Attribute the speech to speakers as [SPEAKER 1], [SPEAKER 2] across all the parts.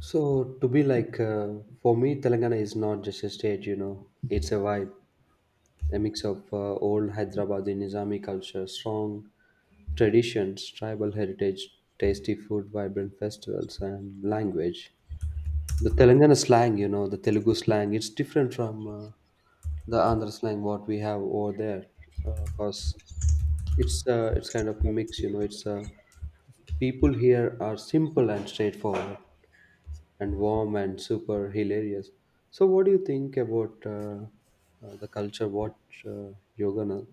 [SPEAKER 1] So to be like For me, Telangana is not just a state. You know, it's a vibe, a mix of old Hyderabadi Nizami culture, strong traditions, tribal heritage, tasty food, vibrant festivals, and language. The Telangana slang, you know, the Telugu slang, it's different from the Andhra slang what we have over there, because it's kind of mix, you know. It's People here are simple and straightforward, and warm and super hilarious. So, what do you think about the culture? What uh, Yogana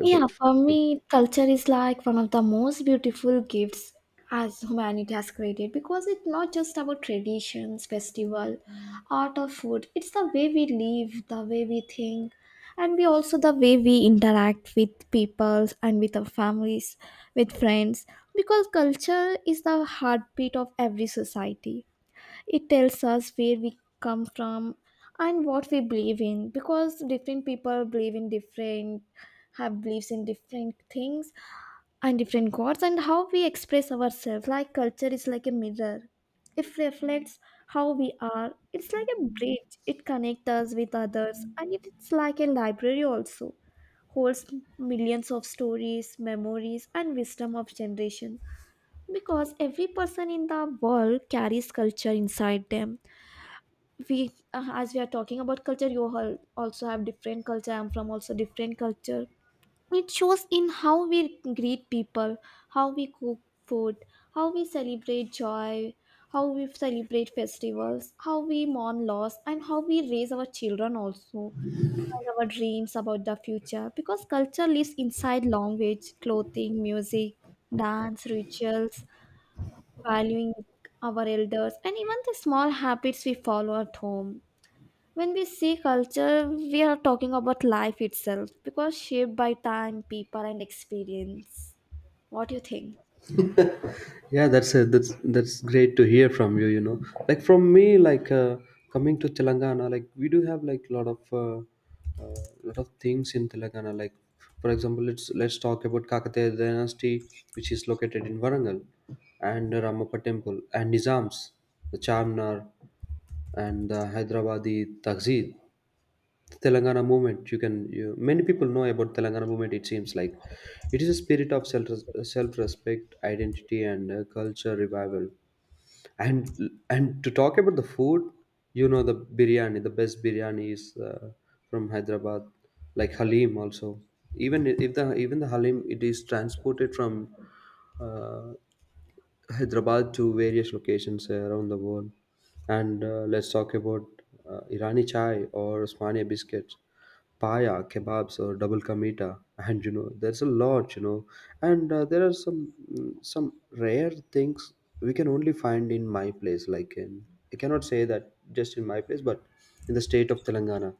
[SPEAKER 2] Yeah, for me, culture is like one of the most beautiful gifts as humanity has created because it's not just about traditions, festival, art or food. It's the way we live, the way we think, and we also the way we interact with people and with our families, with friends. Because culture is the heartbeat of every society, it tells us where we come from and what we believe in, because different people believe in different, have beliefs in different things and different gods and how we express ourselves. Like culture is like a mirror, it reflects how we are. It's like a bridge, it connects us with others, and it's like a library also, holds millions of stories, memories and wisdom of generation. Because every person in the world carries culture inside them, we as we are talking about culture, you all also have different culture, I'm from also different culture. It shows in how we greet people, how we cook food, how we celebrate joy, how we celebrate festivals, how we mourn loss and how we raise our children also, and our dreams about the future. Because culture lives inside language, clothing, music, dance, rituals, valuing our elders, and even the small habits we follow at home. When we see culture, we are talking about life itself because shaped by time, people, and experience. What do you think?
[SPEAKER 1] Yeah, that's a, that's great to hear from you, you know, like from me, like coming to Telangana, like we do have like a uh, lot of things in Telangana, like for example let's talk about Kakataya dynasty, which is located in Varangal, and Ramappa temple and Nizams, the Charminar and the Hyderabadi Tahzeed, the Telangana movement. You can you, many people know about Telangana movement. It seems like it is a spirit of self respect, identity, and culture revival. And to talk about the food, you know, the biryani. The best biryani is from Hyderabad, like Halim also. Even if the Halim, it is transported from uh, Hyderabad to various locations around the world. And let's talk about Irani chai or Osmania biscuits, paya, kebabs or double ka meeta, and you know there's a lot, you know, and there are some some rare things we can only find in my place. Like in I cannot say that just in my place, but in the state of Telangana,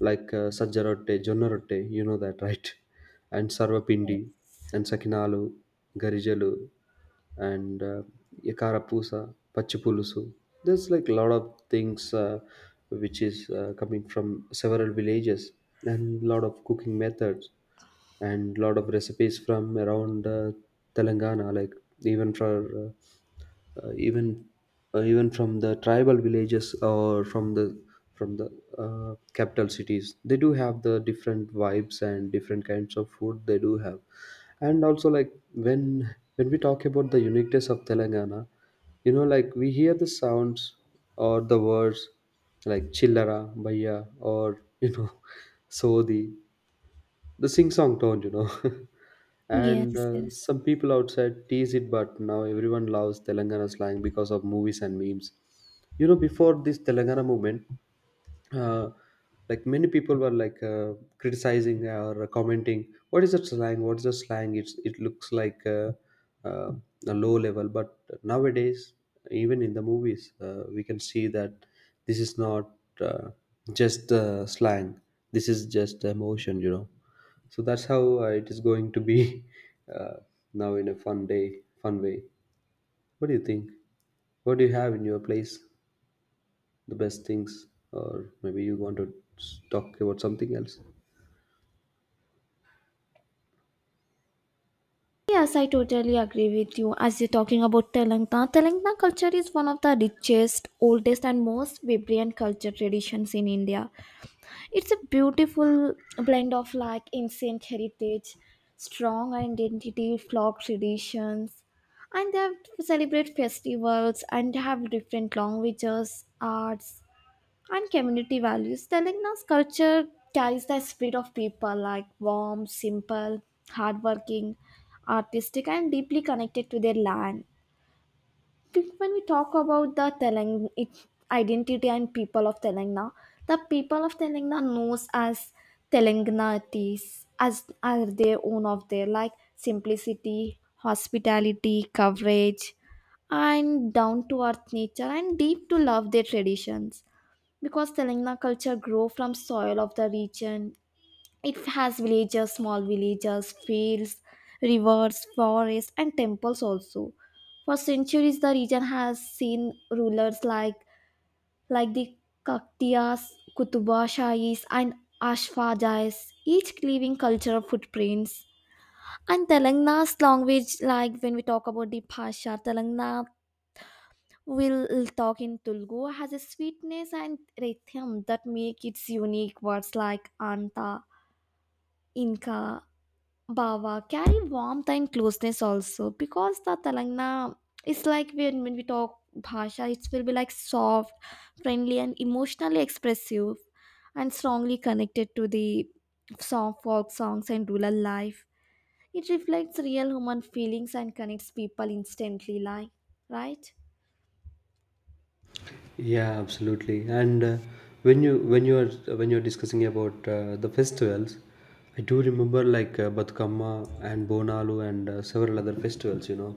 [SPEAKER 1] like sajja rotte jonna rotte, you know that right? And
[SPEAKER 2] Yes.
[SPEAKER 1] sarvapindi and sakinalu garijalu and yakarapusa pachipulusu. There's like a lot of things which is coming from several villages and lot of cooking methods and lot of recipes from around Telangana, like even for uh, uh, even even from the tribal villages or from the from the capital cities. They do have the different vibes and different kinds of food they do have. And also, like when we talk about the uniqueness of Telangana, you know, like we hear the sounds or the words like chillara bhaiya or you know, sodi, the sing song tone, you know. And
[SPEAKER 2] Yes, yes.
[SPEAKER 1] some people outside tease it, but now everyone loves Telangana slang because of movies and memes. You know, before this Telangana movement, uh, like many people were like criticizing or commenting, "What is that slang? What is the slang? It's it looks like uh, a low level." But nowadays, even in the movies, we can see that this is not uh, just slang. This is just emotion, you know. So that's how it is going to be uh, now in a fun day fun way. What do you think? What do you have in your place, the best things? Or maybe you want to talk about something else?
[SPEAKER 2] Yes, I totally agree with you. As you're talking about Telangana, Telangana culture is one of the richest, oldest, and most vibrant culture traditions in India. It's a beautiful blend of like ancient heritage, strong identity, folk traditions, and they have celebrate festivals, and they have different languages, arts, and community values. Telangana's culture carries the spirit of people like warm, simple, hardworking, artistic, and deeply connected to their land. When we talk about the identity and people of Telangana, the people of Telangana knows as Telanganatis, as are their own of their like simplicity, hospitality, coverage, and down to earth nature and deep to love their traditions. Because Telangana culture grow from soil of the region, it has villages, small villages, fields, rivers, forests, and temples also. For centuries, the region has seen rulers like the Kaktiyas, Kutuba Shahis, and Ashfajais, each leaving cultural footprints. And Telangana's language, like when we talk about the Bhasha, Telangana will talk in Telugu, has a sweetness and rhythm that make its unique words like Anta, Inka, Bawa carry warmth and closeness also. Because the Telangana is like when we talk Bhasha, it will be like soft, friendly, and emotionally expressive and strongly connected to the song, folk songs, and rural life. It reflects real human feelings and connects people instantly, like, right?
[SPEAKER 1] Yeah, absolutely. And when you're discussing about the festivals, I do remember like Batukamma and Bonalu and several other festivals. You know,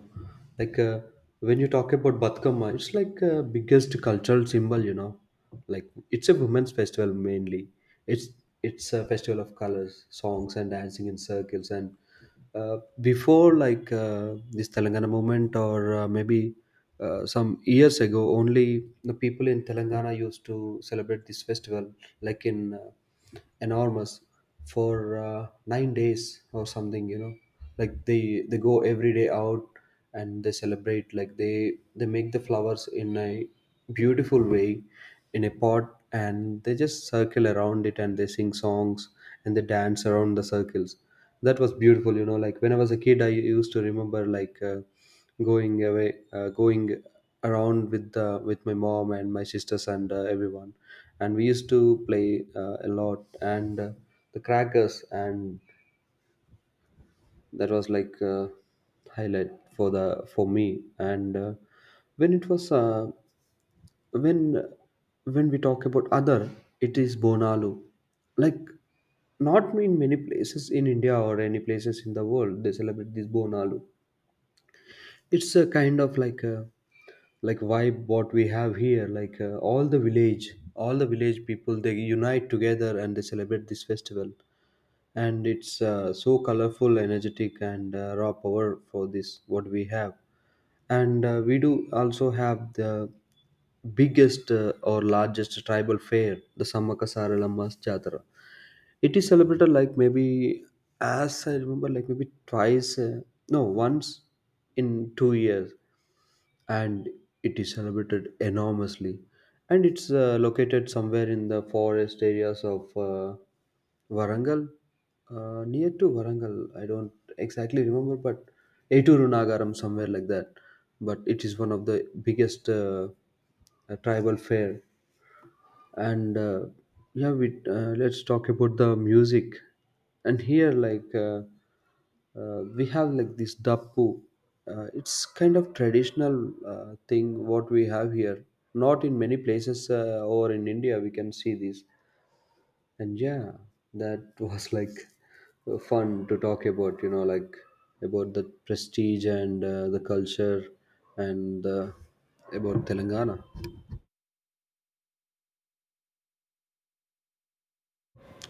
[SPEAKER 1] like when you talk about Batukamma, it's like biggest cultural symbol. You know, like it's a women's festival mainly. It's it's a festival of colors, songs, and dancing in circles. And before like this Telangana movement, or maybe some years ago, only the people in Telangana used to celebrate this festival, like in enormous for 9 days or something. You know, like they go every day out and they celebrate. Like they make the flowers in a beautiful way in a pot, and they just circle around it and they sing songs and they dance around the circles. That was beautiful, you know. Like when I was a kid, I used to remember like going around with my mom and my sisters and everyone, and we used to play a lot. And the crackers, and that was like highlight for the for me. And when it was uh, when when we talk about other, it is Bonalu. Like not in many places in India or any places in the world they celebrate this Bonalu. It's a kind of like a like vibe what we have here. Like all the village people, they unite together and they celebrate this festival. And it's so colorful, energetic, and raw power for this what we have. And we do also have the biggest or largest tribal fair, the Samakasaralammas Jatara. It is celebrated like maybe, as I remember, like maybe twice no, once in 2 years, and it is celebrated enormously. And it's located somewhere in the forest areas of Varangal, near to Varangal. I don't exactly remember, but Eituru Nagaram, somewhere like that. But it is one of the biggest tribal fair. And yeah, we let's talk about the music. And here, like we have like this dappu. It's kind of traditional thing what we have here. Not in many places or in India we can see this. And yeah, that was like fun to talk about, you know, like about the prestige and the culture and about Telangana.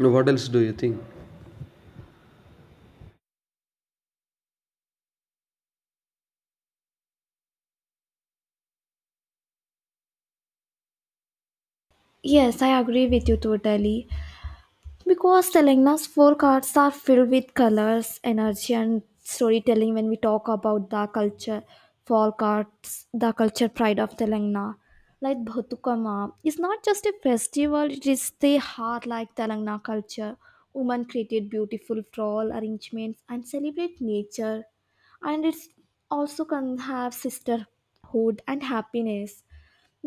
[SPEAKER 1] Now, what else do you think?
[SPEAKER 2] Yes, I agree with you totally. Because Telangana's forecasts are filled with colors, energy, and storytelling when we talk about the culture forecasts, the culture pride of Telangana. Like Bhatukama is not just a festival, it is the heart like Telangana culture. Women created beautiful floral arrangements and celebrate nature. And it also can have sisterhood and happiness,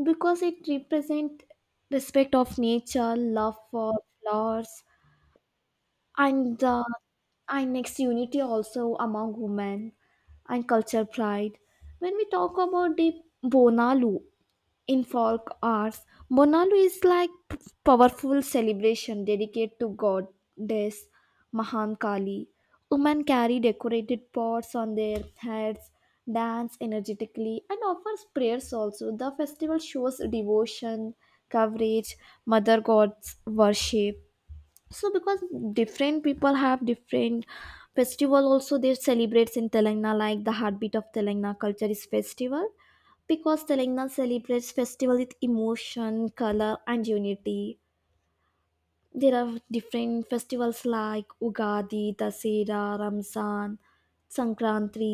[SPEAKER 2] because it represents respect of nature, love for flowers, and the and next unity also among women and culture pride. When we talk about the bonalu in folk arts, bonalu is like powerful celebration dedicated to goddess Mahankali. Women carry decorated pots on their heads, dance energetically and offers prayers also. The festival shows devotion, courage, mother god's worship. So because different people have different festival also, they celebrates in Telangana. Like the heartbeat of Telangana culture is festival, because Telangana celebrates festival with emotion, color and unity. There are different festivals like Ugadi, Dasera, Ramzan, Sankranti.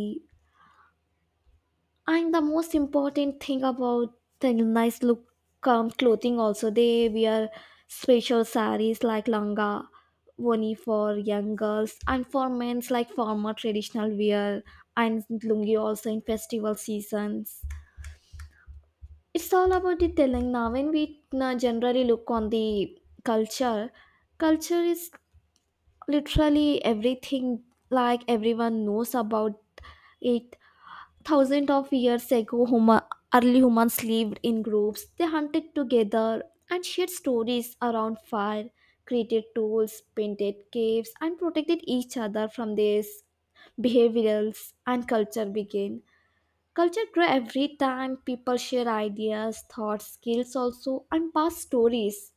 [SPEAKER 2] And the most important thing about the nice look, clothing also, they wear special saris like langa, woni for young girls, and for men's like formal traditional wear and lungi also in festival seasons. It's all about the Telangana. When we generally look on the culture, culture is literally everything, like everyone knows about it. Thousands of years ago, early humans lived in groups. They hunted together and shared stories around fire, created tools, painted caves, and protected each other from their behaviors and culture began. Culture grows every time people share ideas, thoughts, skills also, and past stories.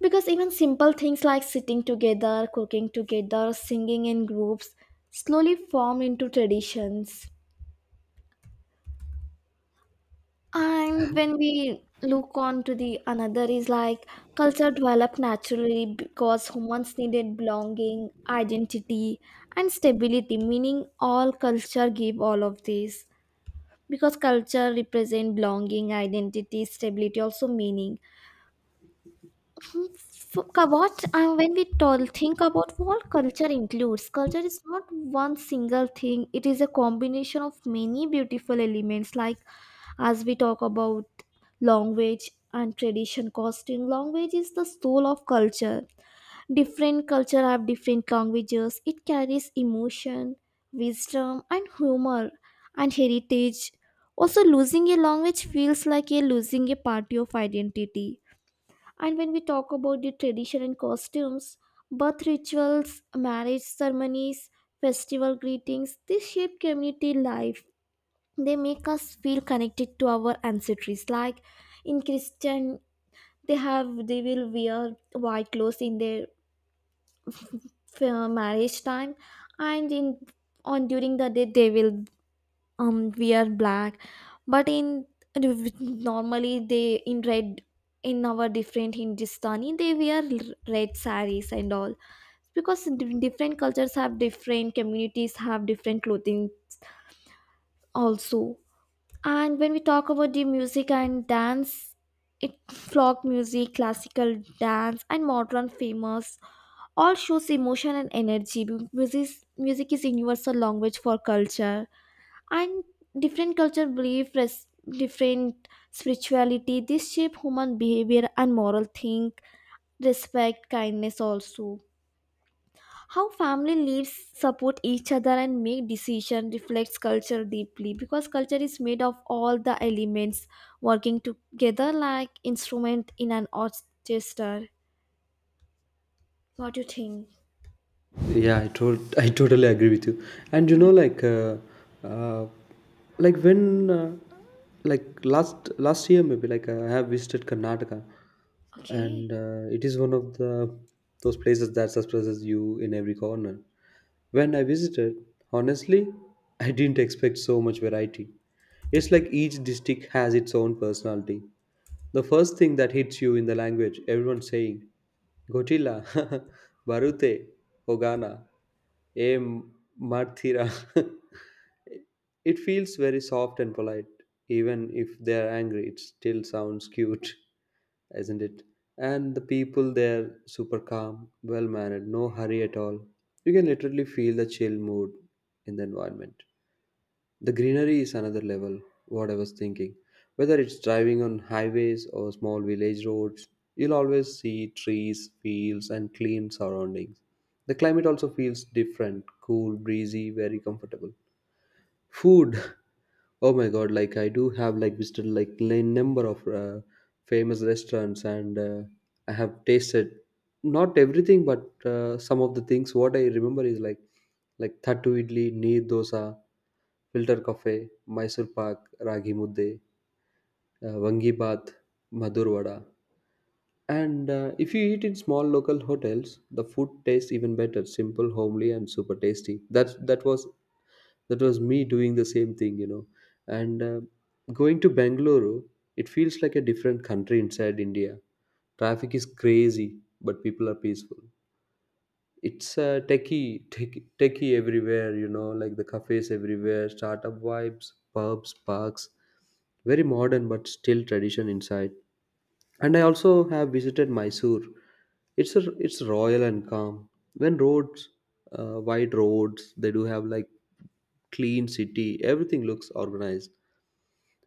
[SPEAKER 2] Because even simple things like sitting together, cooking together, singing in groups slowly form into traditions. And when we look on to the another is like culture developed naturally because humans needed belonging, identity, and stability. Meaning, all culture give all of these, because culture represent belonging, identity, stability, also meaning. So, Kavach, and when we think about what culture includes, culture is not one single thing. It is a combination of many beautiful elements, like as we talk about language and tradition, costume. Language is the soul of culture. Different culture have different languages. It carries emotion, wisdom, and humor, and heritage. Also, losing a language feels like a losing a part of identity. And when we talk about the tradition and costumes, birth rituals, marriage ceremonies, festival greetings, they shape community life. They make us feel connected to our ancestries. Like in Christian, they have they will wear white clothes in their marriage time, and in on during the day they will um, we are black, but in normally they in red. In our different hindustani they wear red saris and all, because different cultures have different communities have different clothing also. And when we talk about the music and dance, it folk music, classical dance and modern famous, all shows emotion and energy. Music, music is universal language for culture. And different culture belief different spirituality, this shape human behavior and moral think, respect, kindness also. How family lives support each other and make decision reflects culture deeply, because culture is made of all the elements working together like instrument in an orchestra. What do you think?
[SPEAKER 1] Yeah, I told I totally agree with you. And you know, uh, like when, like last year maybe, like I have visited Karnataka,
[SPEAKER 2] Okay.
[SPEAKER 1] and it is one of the those places that surprises you in every corner. When I visited, honestly, I didn't expect so much variety. It's like each district has its own personality. The first thing that hits you in the language, everyone's saying Godzilla, Barute, Hogana, A Marthira. It feels very soft and polite. Even if they're angry, it still sounds cute, isn't it? And the people there, super calm, well mannered, no hurry at all. You can literally feel the chill mood in the environment. The greenery is another level, what I was thinking. Whether it's driving on highways or small village roads, you'll always see trees, fields, and clean surroundings. The climate also feels different, cool, breezy, very comfortable. Food! Oh my god, like I do have like visited like a number of famous restaurants, and I have tasted not everything but some of the things what I remember is like Thattu Idli, Neer Dosa, Filter Cafe, Mysore Pak, Ragi Mudde, Vangi Bath, Madhur Vada. And if you eat in small local hotels, the food tastes even better, simple, homely, and super tasty. That that was me doing the same thing, you know. And going to Bangalore, it feels like a different country inside India. Traffic is crazy, but people are peaceful. It's techie, techie, techie everywhere, you know, like the cafes everywhere, startup vibes, pubs, parks, very modern but still tradition inside. And I also have visited Mysore. It's royal and calm. When roads, wide roads, they do have like clean city. Everything looks organized.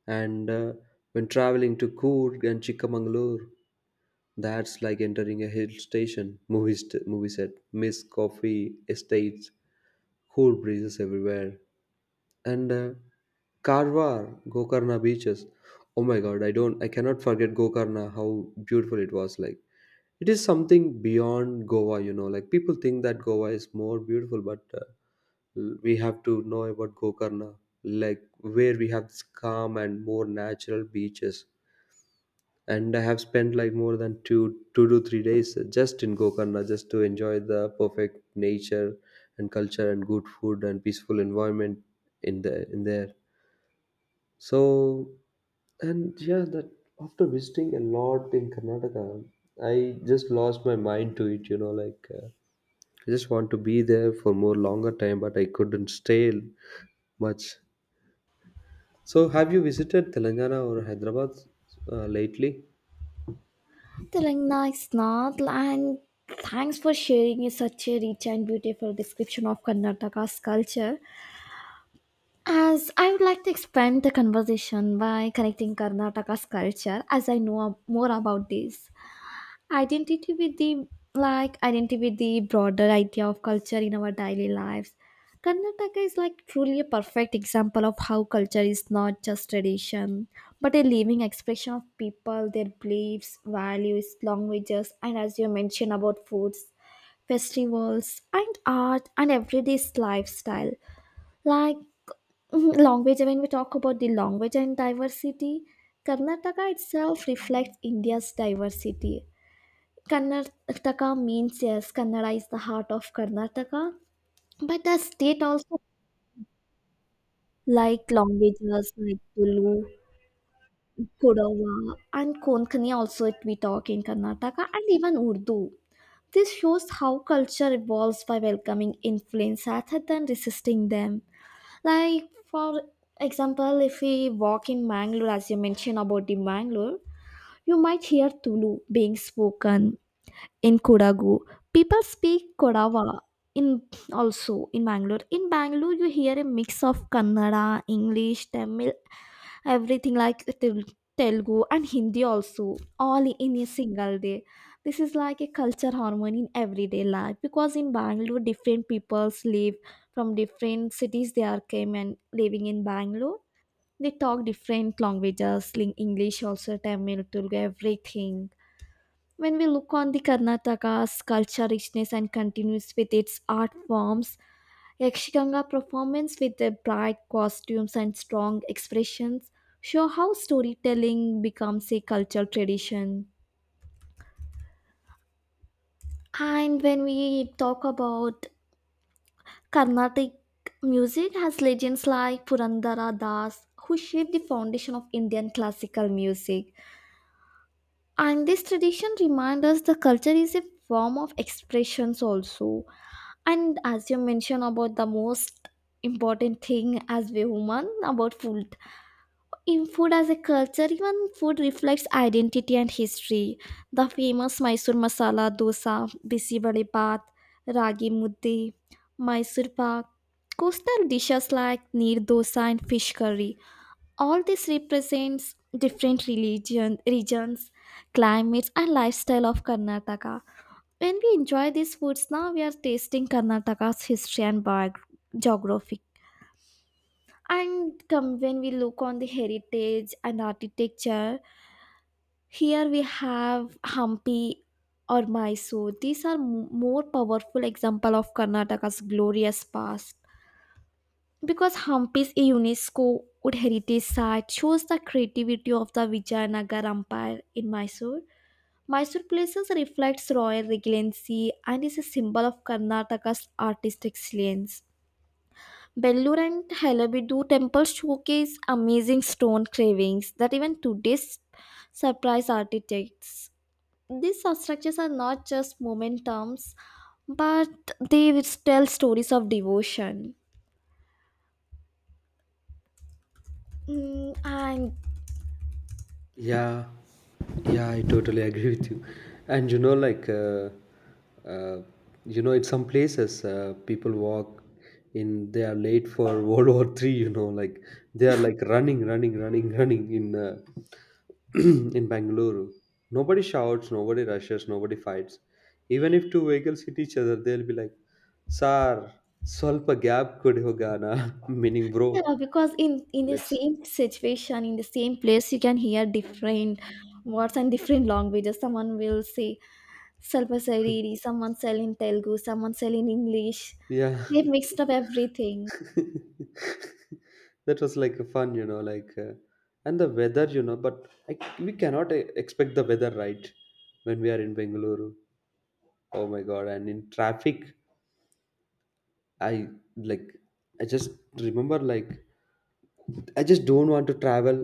[SPEAKER 1] And when traveling to Coorg and Chikamangalore, that's like entering a hill station, movie, movie set, mist, coffee, estates, cool breezes everywhere. And Karwar, Gokarna beaches. Oh my god, I cannot forget Gokarna, how beautiful it was. Like it is something beyond Goa, you know, like people think that Goa is more beautiful, but we have to know about Gokarna, like where we have this calm and more natural beaches. And I have spent like more than 2 to 3 days just in Gokarna, just to enjoy the perfect nature and culture and good food and peaceful environment in there. So, and yeah, that after visiting a lot in Karnataka, I just lost my mind to it, you know, like I just want to be there for more longer time, but I couldn't stay much. So, have you visited Telangana or Hyderabad lately?
[SPEAKER 2] Telling nice Nath, and thanks for sharing such a rich and beautiful description of Karnataka's culture. As I would like to expand the conversation by connecting Karnataka's culture, as I know more about this identity with the like identity with the broader idea of culture in our daily lives. Karnataka is like truly a perfect example of how culture is not just tradition, but a living expression of people, their beliefs, values, languages, and as you mentioned about foods, festivals and art and everyday lifestyle. Like language, when we talk about the language and diversity, Karnataka itself reflects India's diversity. Karnataka means yes, Kannada is the heart of Karnataka, but the state also like languages like Tulu, Kodava, and Konkani also it we talk in Karnataka, and even Urdu. This shows how culture evolves by welcoming influence rather than resisting them. Like for example, if we walk in Mangalore, as you mentioned about the Mangalore, you might hear Tulu being spoken in Kodagu. People speak Kodava in also in Bangalore. In Bangalore, you hear a mix of Kannada, English, Tamil, everything like Telugu and Hindi also, all in a single day. This is like a culture harmony in everyday life, because in Bangalore, different peoples live from different cities. They are came and living in Bangalore. They talk different languages, like English also, Tamil, Telugu, everything. When we look on the Karnataka's culture richness and continues with its art forms, Yakshaganga performance with their bright costumes and strong expressions show how storytelling becomes a cultural tradition. And when we talk about Carnatic music has legends like Purandara Das who shaped the foundation of Indian classical music. And this tradition reminds us the culture is a form of expressions also. And as you mentioned about the most important thing as we woman about food, in food as a culture, even food reflects identity and history. The famous Mysore masala dosa, bisi vade bath, ragi mudde, Mysore pak, coastal dishes like neer dosa and fish curry, all this represents different religion, regions, climates and lifestyle of Karnataka. When we enjoy these foods, now we are tasting Karnataka's history and geography. And come when we look on the heritage and architecture, here we have Hampi or Mysore. These are more powerful example of Karnataka's glorious past. Because Hampi's a UNESCO World Heritage Site shows the creativity of the Vijayanagar Empire in Mysore. Mysore places reflects royal regency and is a symbol of Karnataka's artistic excellence. Bellur and Halabidu temples showcase amazing stone carvings that even today surprise architects. These structures are not just momentums, but they will tell stories of devotion. Mm, and
[SPEAKER 1] Yeah, yeah, I totally agree with you. And you know, like, uh, you know, in some places, people walk in, they are late for World War Three. You know, like they are like running, running, running, running in in Bangalore. Nobody shouts, nobody rushes, nobody fights. Even if two vehicles hit each other, they'll be like, "Sir, ಸ್ವಲ್ಪ gap kodi hoga meaning bro,
[SPEAKER 2] yeah, because in the
[SPEAKER 1] let's
[SPEAKER 2] same situation, in the same place, you can hear different words and different languages. Someone will say ಸ್ವಲ್ಪ Sariri, someone sell in Telugu, someone sell in English.
[SPEAKER 1] yeah.
[SPEAKER 2] They mixed up everything.
[SPEAKER 1] that was like fun you know like And the weather, but we cannot expect the weather, right? When we are in Bengaluru, oh my god, and in traffic. I like I just remember like I just don't want to travel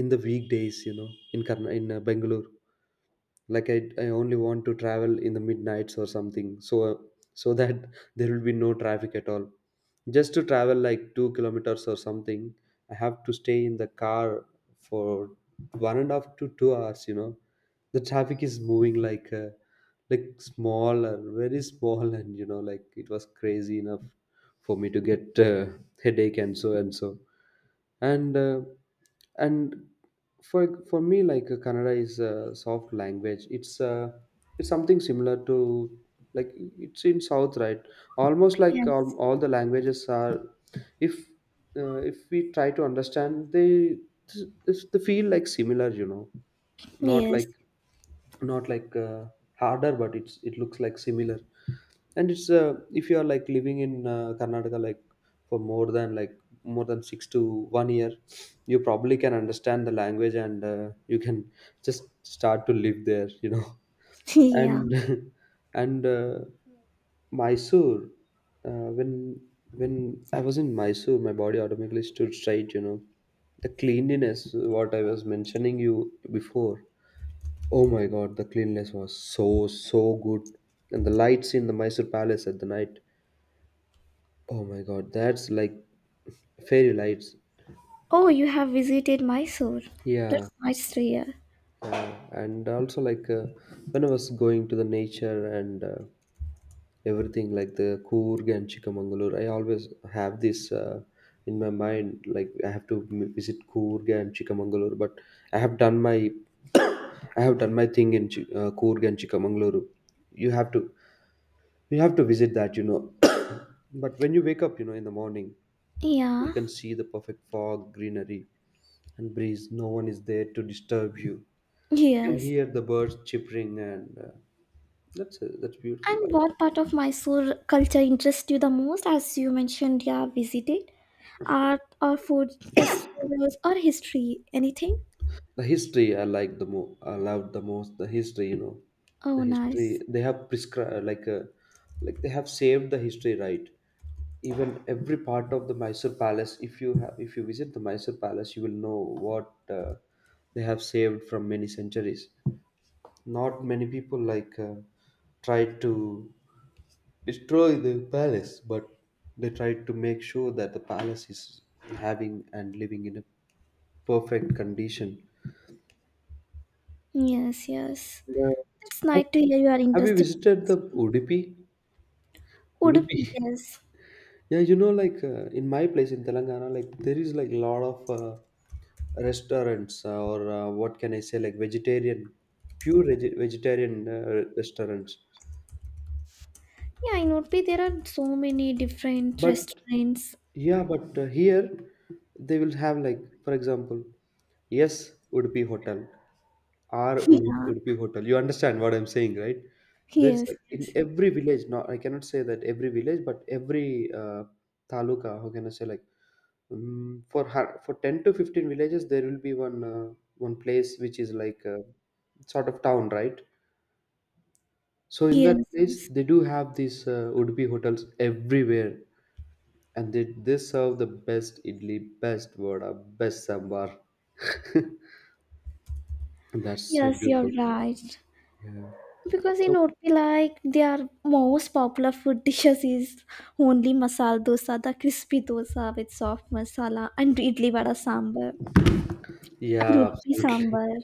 [SPEAKER 1] in the weekdays, in Bengaluru. I only want to travel in the midnights or something, so that there will be no traffic at all. Just to travel like 2 kilometers or something, I have to stay in the car for one and a half to 2 hours, you know. The traffic is moving like small and very small, and you know, like it was crazy enough for me to get headache and so and so. And uh, and for me, like Kannada is a soft language. It's something similar to, like, it's in South, right? Almost like all,
[SPEAKER 2] Yes.
[SPEAKER 1] all the languages are. If if we try to understand, they feel like similar, you know, not
[SPEAKER 2] Yes.
[SPEAKER 1] like, not like harder, but it looks like similar. And it's if you are like living in Karnataka, like for more than like more than 6 to 1 year, you probably can understand the language, and you can just start to live there, you know.
[SPEAKER 2] Yeah.
[SPEAKER 1] And and Mysore, uh, when when I was in Mysore, my body automatically stood straight. You know, the cleanliness what I was mentioning you before. Oh my god, the cleanliness was so so good, and the lights in the Mysore Palace at the night. Oh my god, that's like fairy lights.
[SPEAKER 2] Oh, you have visited Mysore.
[SPEAKER 1] Yeah,
[SPEAKER 2] That's nice to hear.
[SPEAKER 1] and also like when I was going to the nature and everything, like the Coorg and Chikamangalore, I always have this in my mind. Like, I have to visit Coorg and Chikamangalore, but I have done my I have done my thing in Coorg and Chikamangaluru. You have to You have to visit that, you know. But when you wake up, you know, in the morning, you
[SPEAKER 2] Yeah.
[SPEAKER 1] can see the perfect fog, greenery, and breeze. No one is there to disturb you. You can
[SPEAKER 2] Yes.
[SPEAKER 1] hear the birds chirping, and that's that's beautiful
[SPEAKER 2] And
[SPEAKER 1] vibe.
[SPEAKER 2] what part of Mysore culture interests you the most? As you mentioned, you have visited art or food, festivals or history, anything?
[SPEAKER 1] The history I like the most. I love the most the history. You know, the
[SPEAKER 2] Oh,
[SPEAKER 1] history
[SPEAKER 2] nice.
[SPEAKER 1] they have prescribed like like they have saved the history, right. Even every part of the Mysore Palace. If you visit the Mysore Palace, you will know what they have saved from many centuries. Not many people, like tried to destroy the palace, but they tried to make sure that the palace is having and living in a perfect condition.
[SPEAKER 2] Yes, yes. It's
[SPEAKER 1] Yeah.
[SPEAKER 2] nice to hear you are
[SPEAKER 1] Have you
[SPEAKER 2] interested in
[SPEAKER 1] visited the
[SPEAKER 2] history.
[SPEAKER 1] Udupi? Udupi.
[SPEAKER 2] Udupi, yes.
[SPEAKER 1] Yeah, you know, like in my place in Telangana, like there is like a lot of restaurants or what can I say, like vegetarian, pure vegetarian restaurants.
[SPEAKER 2] Yeah, in Udupi there are so many different
[SPEAKER 1] But
[SPEAKER 2] restaurants.
[SPEAKER 1] yeah, but here they will have, like, for example, yes would be hotel, R
[SPEAKER 2] Yeah.
[SPEAKER 1] would be hotel. You understand what I'm saying, right? There's
[SPEAKER 2] Yes,
[SPEAKER 1] like in
[SPEAKER 2] yes.
[SPEAKER 1] every village. Not, I cannot say that every village, but every taluka. How can I say, like for 10 to 15 villages there will be one one place which is like a sort of town, right? So in
[SPEAKER 2] Yes,
[SPEAKER 1] that place,
[SPEAKER 2] yes.
[SPEAKER 1] they do have these would be hotels everywhere. And did they serve the best idli, best vada, best sambar? That's so
[SPEAKER 2] Yes, you're
[SPEAKER 1] beautiful.
[SPEAKER 2] right.
[SPEAKER 1] Yeah.
[SPEAKER 2] Because in
[SPEAKER 1] So
[SPEAKER 2] Udupi, like their most popular food dishes is only masala dosa, the crispy dosa with soft masala, and idli vada sambar, and
[SPEAKER 1] yeah,
[SPEAKER 2] Udupi
[SPEAKER 1] absolutely.
[SPEAKER 2] sambar.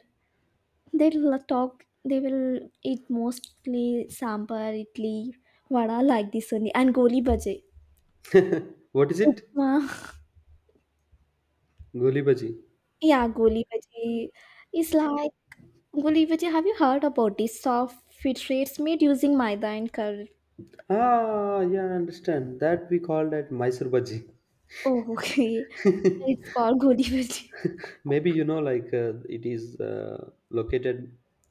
[SPEAKER 2] They will talk. They will eat mostly sambar, idli, vada like this only, and goli bhaji.
[SPEAKER 1] What is it?
[SPEAKER 2] Upma.
[SPEAKER 1] Goli bhaji.
[SPEAKER 2] Yeah, goli bhaji is like Gulivati, have you heard about this soft fit rates made using maida and curd?
[SPEAKER 1] Ah, yeah, I understand. That we call that Mysore bhaji.
[SPEAKER 2] Oh, okay. It's called Gulivati.
[SPEAKER 1] Maybe you know, like it is located,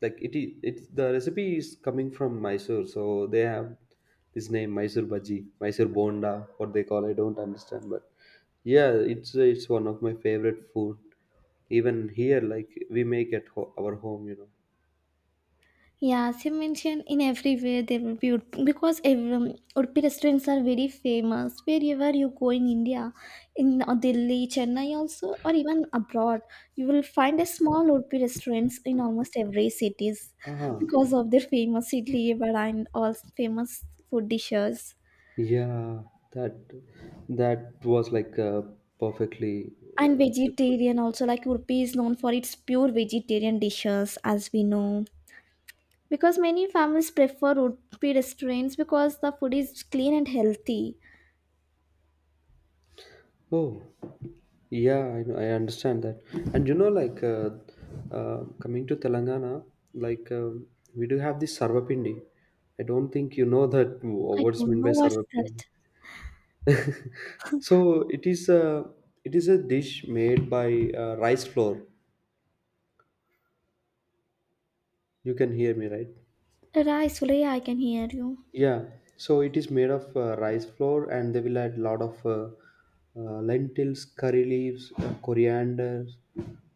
[SPEAKER 1] like it is, it's the recipe is coming from Mysore, so they have this name Mysore bhaji, Mysore bonda, what they call, I don't understand, but yeah, it's one of my favorite food. Even here, like we make at our home, you know.
[SPEAKER 2] Yeah, as you mentioned, in everywhere there will be because every, Udupi restaurants are very famous. Wherever you go in India, in Delhi, Chennai also, or even abroad, you will find a small Udupi restaurants in almost every cities
[SPEAKER 1] Ah,
[SPEAKER 2] because of their famous idli vada and all famous food dishes.
[SPEAKER 1] yeah, that, that was like perfectly
[SPEAKER 2] And
[SPEAKER 1] beautiful.
[SPEAKER 2] vegetarian also, like Urpi is known for its pure vegetarian dishes, as we know. Because many families prefer Urpi restaurants because the food is clean and healthy.
[SPEAKER 1] Oh, yeah, I understand that. And you know, like coming to Telangana, like we do have this Sarvapindi. I don't think you know that
[SPEAKER 2] I
[SPEAKER 1] what's
[SPEAKER 2] don't
[SPEAKER 1] meant by
[SPEAKER 2] know what's
[SPEAKER 1] Sarvapindi.
[SPEAKER 2] that.
[SPEAKER 1] So it is a it is a dish made by rice flour. You can hear me, right?
[SPEAKER 2] Right, Sulaya, I can hear you.
[SPEAKER 1] Yeah, so it is made of rice flour, and they will add lot of lentils, curry leaves, coriander,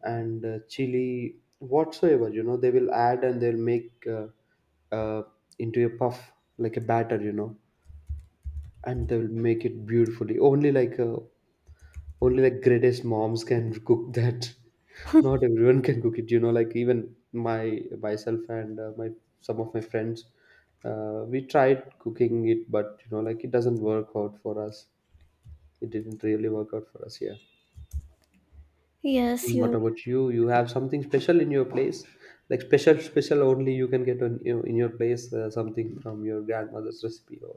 [SPEAKER 1] and chili, whatsoever. You know, they will add and they'll make uh, into a puff, like a batter. You know, and they'll make it beautifully. Only like greatest moms can cook that. Not everyone can cook it. You know, like even my myself and my some of my friends, we tried cooking it, but you know, like it doesn't work out for us. It didn't really work out for us. Yeah.
[SPEAKER 2] Yes,
[SPEAKER 1] And what
[SPEAKER 2] you're.
[SPEAKER 1] about you? You have something special in your place, like special, special only you can get on, you know, in your place, something from your grandmother's recipe or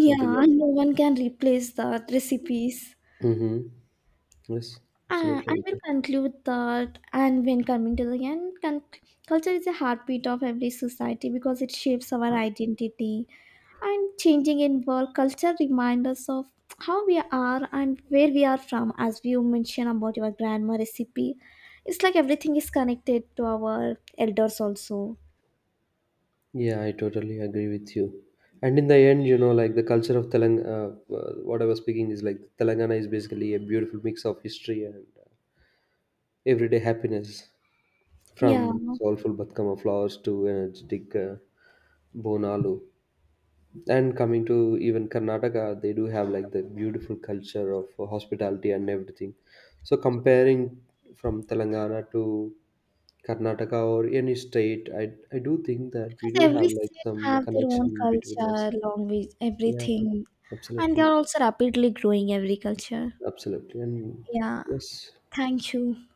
[SPEAKER 1] something else.
[SPEAKER 2] and no one can replace the recipes.
[SPEAKER 1] Mm-hmm. Yes, absolutely,
[SPEAKER 2] I
[SPEAKER 1] we
[SPEAKER 2] will
[SPEAKER 1] can.
[SPEAKER 2] conclude that, and when coming to the end, culture is a heartbeat of every society because it shapes our identity. And changing in world, culture reminds us of how we are and where we are from, as you mentioned about your grandma recipe. It's like everything is connected to our elders also.
[SPEAKER 1] Yeah, I totally agree with you. And in the end, you know, like the culture of Telangana, what I was speaking is like Telangana is basically a beautiful mix of history and everyday happiness,
[SPEAKER 2] Yeah,
[SPEAKER 1] from soulful Batkama flowers to energetic Bonalu. And coming to even Karnataka, they do have like the beautiful culture of hospitality and everything. So comparing from Telangana to Karnataka or any state, I do think that we
[SPEAKER 2] because
[SPEAKER 1] do have
[SPEAKER 2] every
[SPEAKER 1] like
[SPEAKER 2] state
[SPEAKER 1] some
[SPEAKER 2] have their own
[SPEAKER 1] connection between us.
[SPEAKER 2] culture, language,
[SPEAKER 1] Yeah,
[SPEAKER 2] everything, and they
[SPEAKER 1] absolutely,
[SPEAKER 2] are also rapidly growing every culture.
[SPEAKER 1] absolutely, and
[SPEAKER 2] Yeah.
[SPEAKER 1] yes,
[SPEAKER 2] Thank you.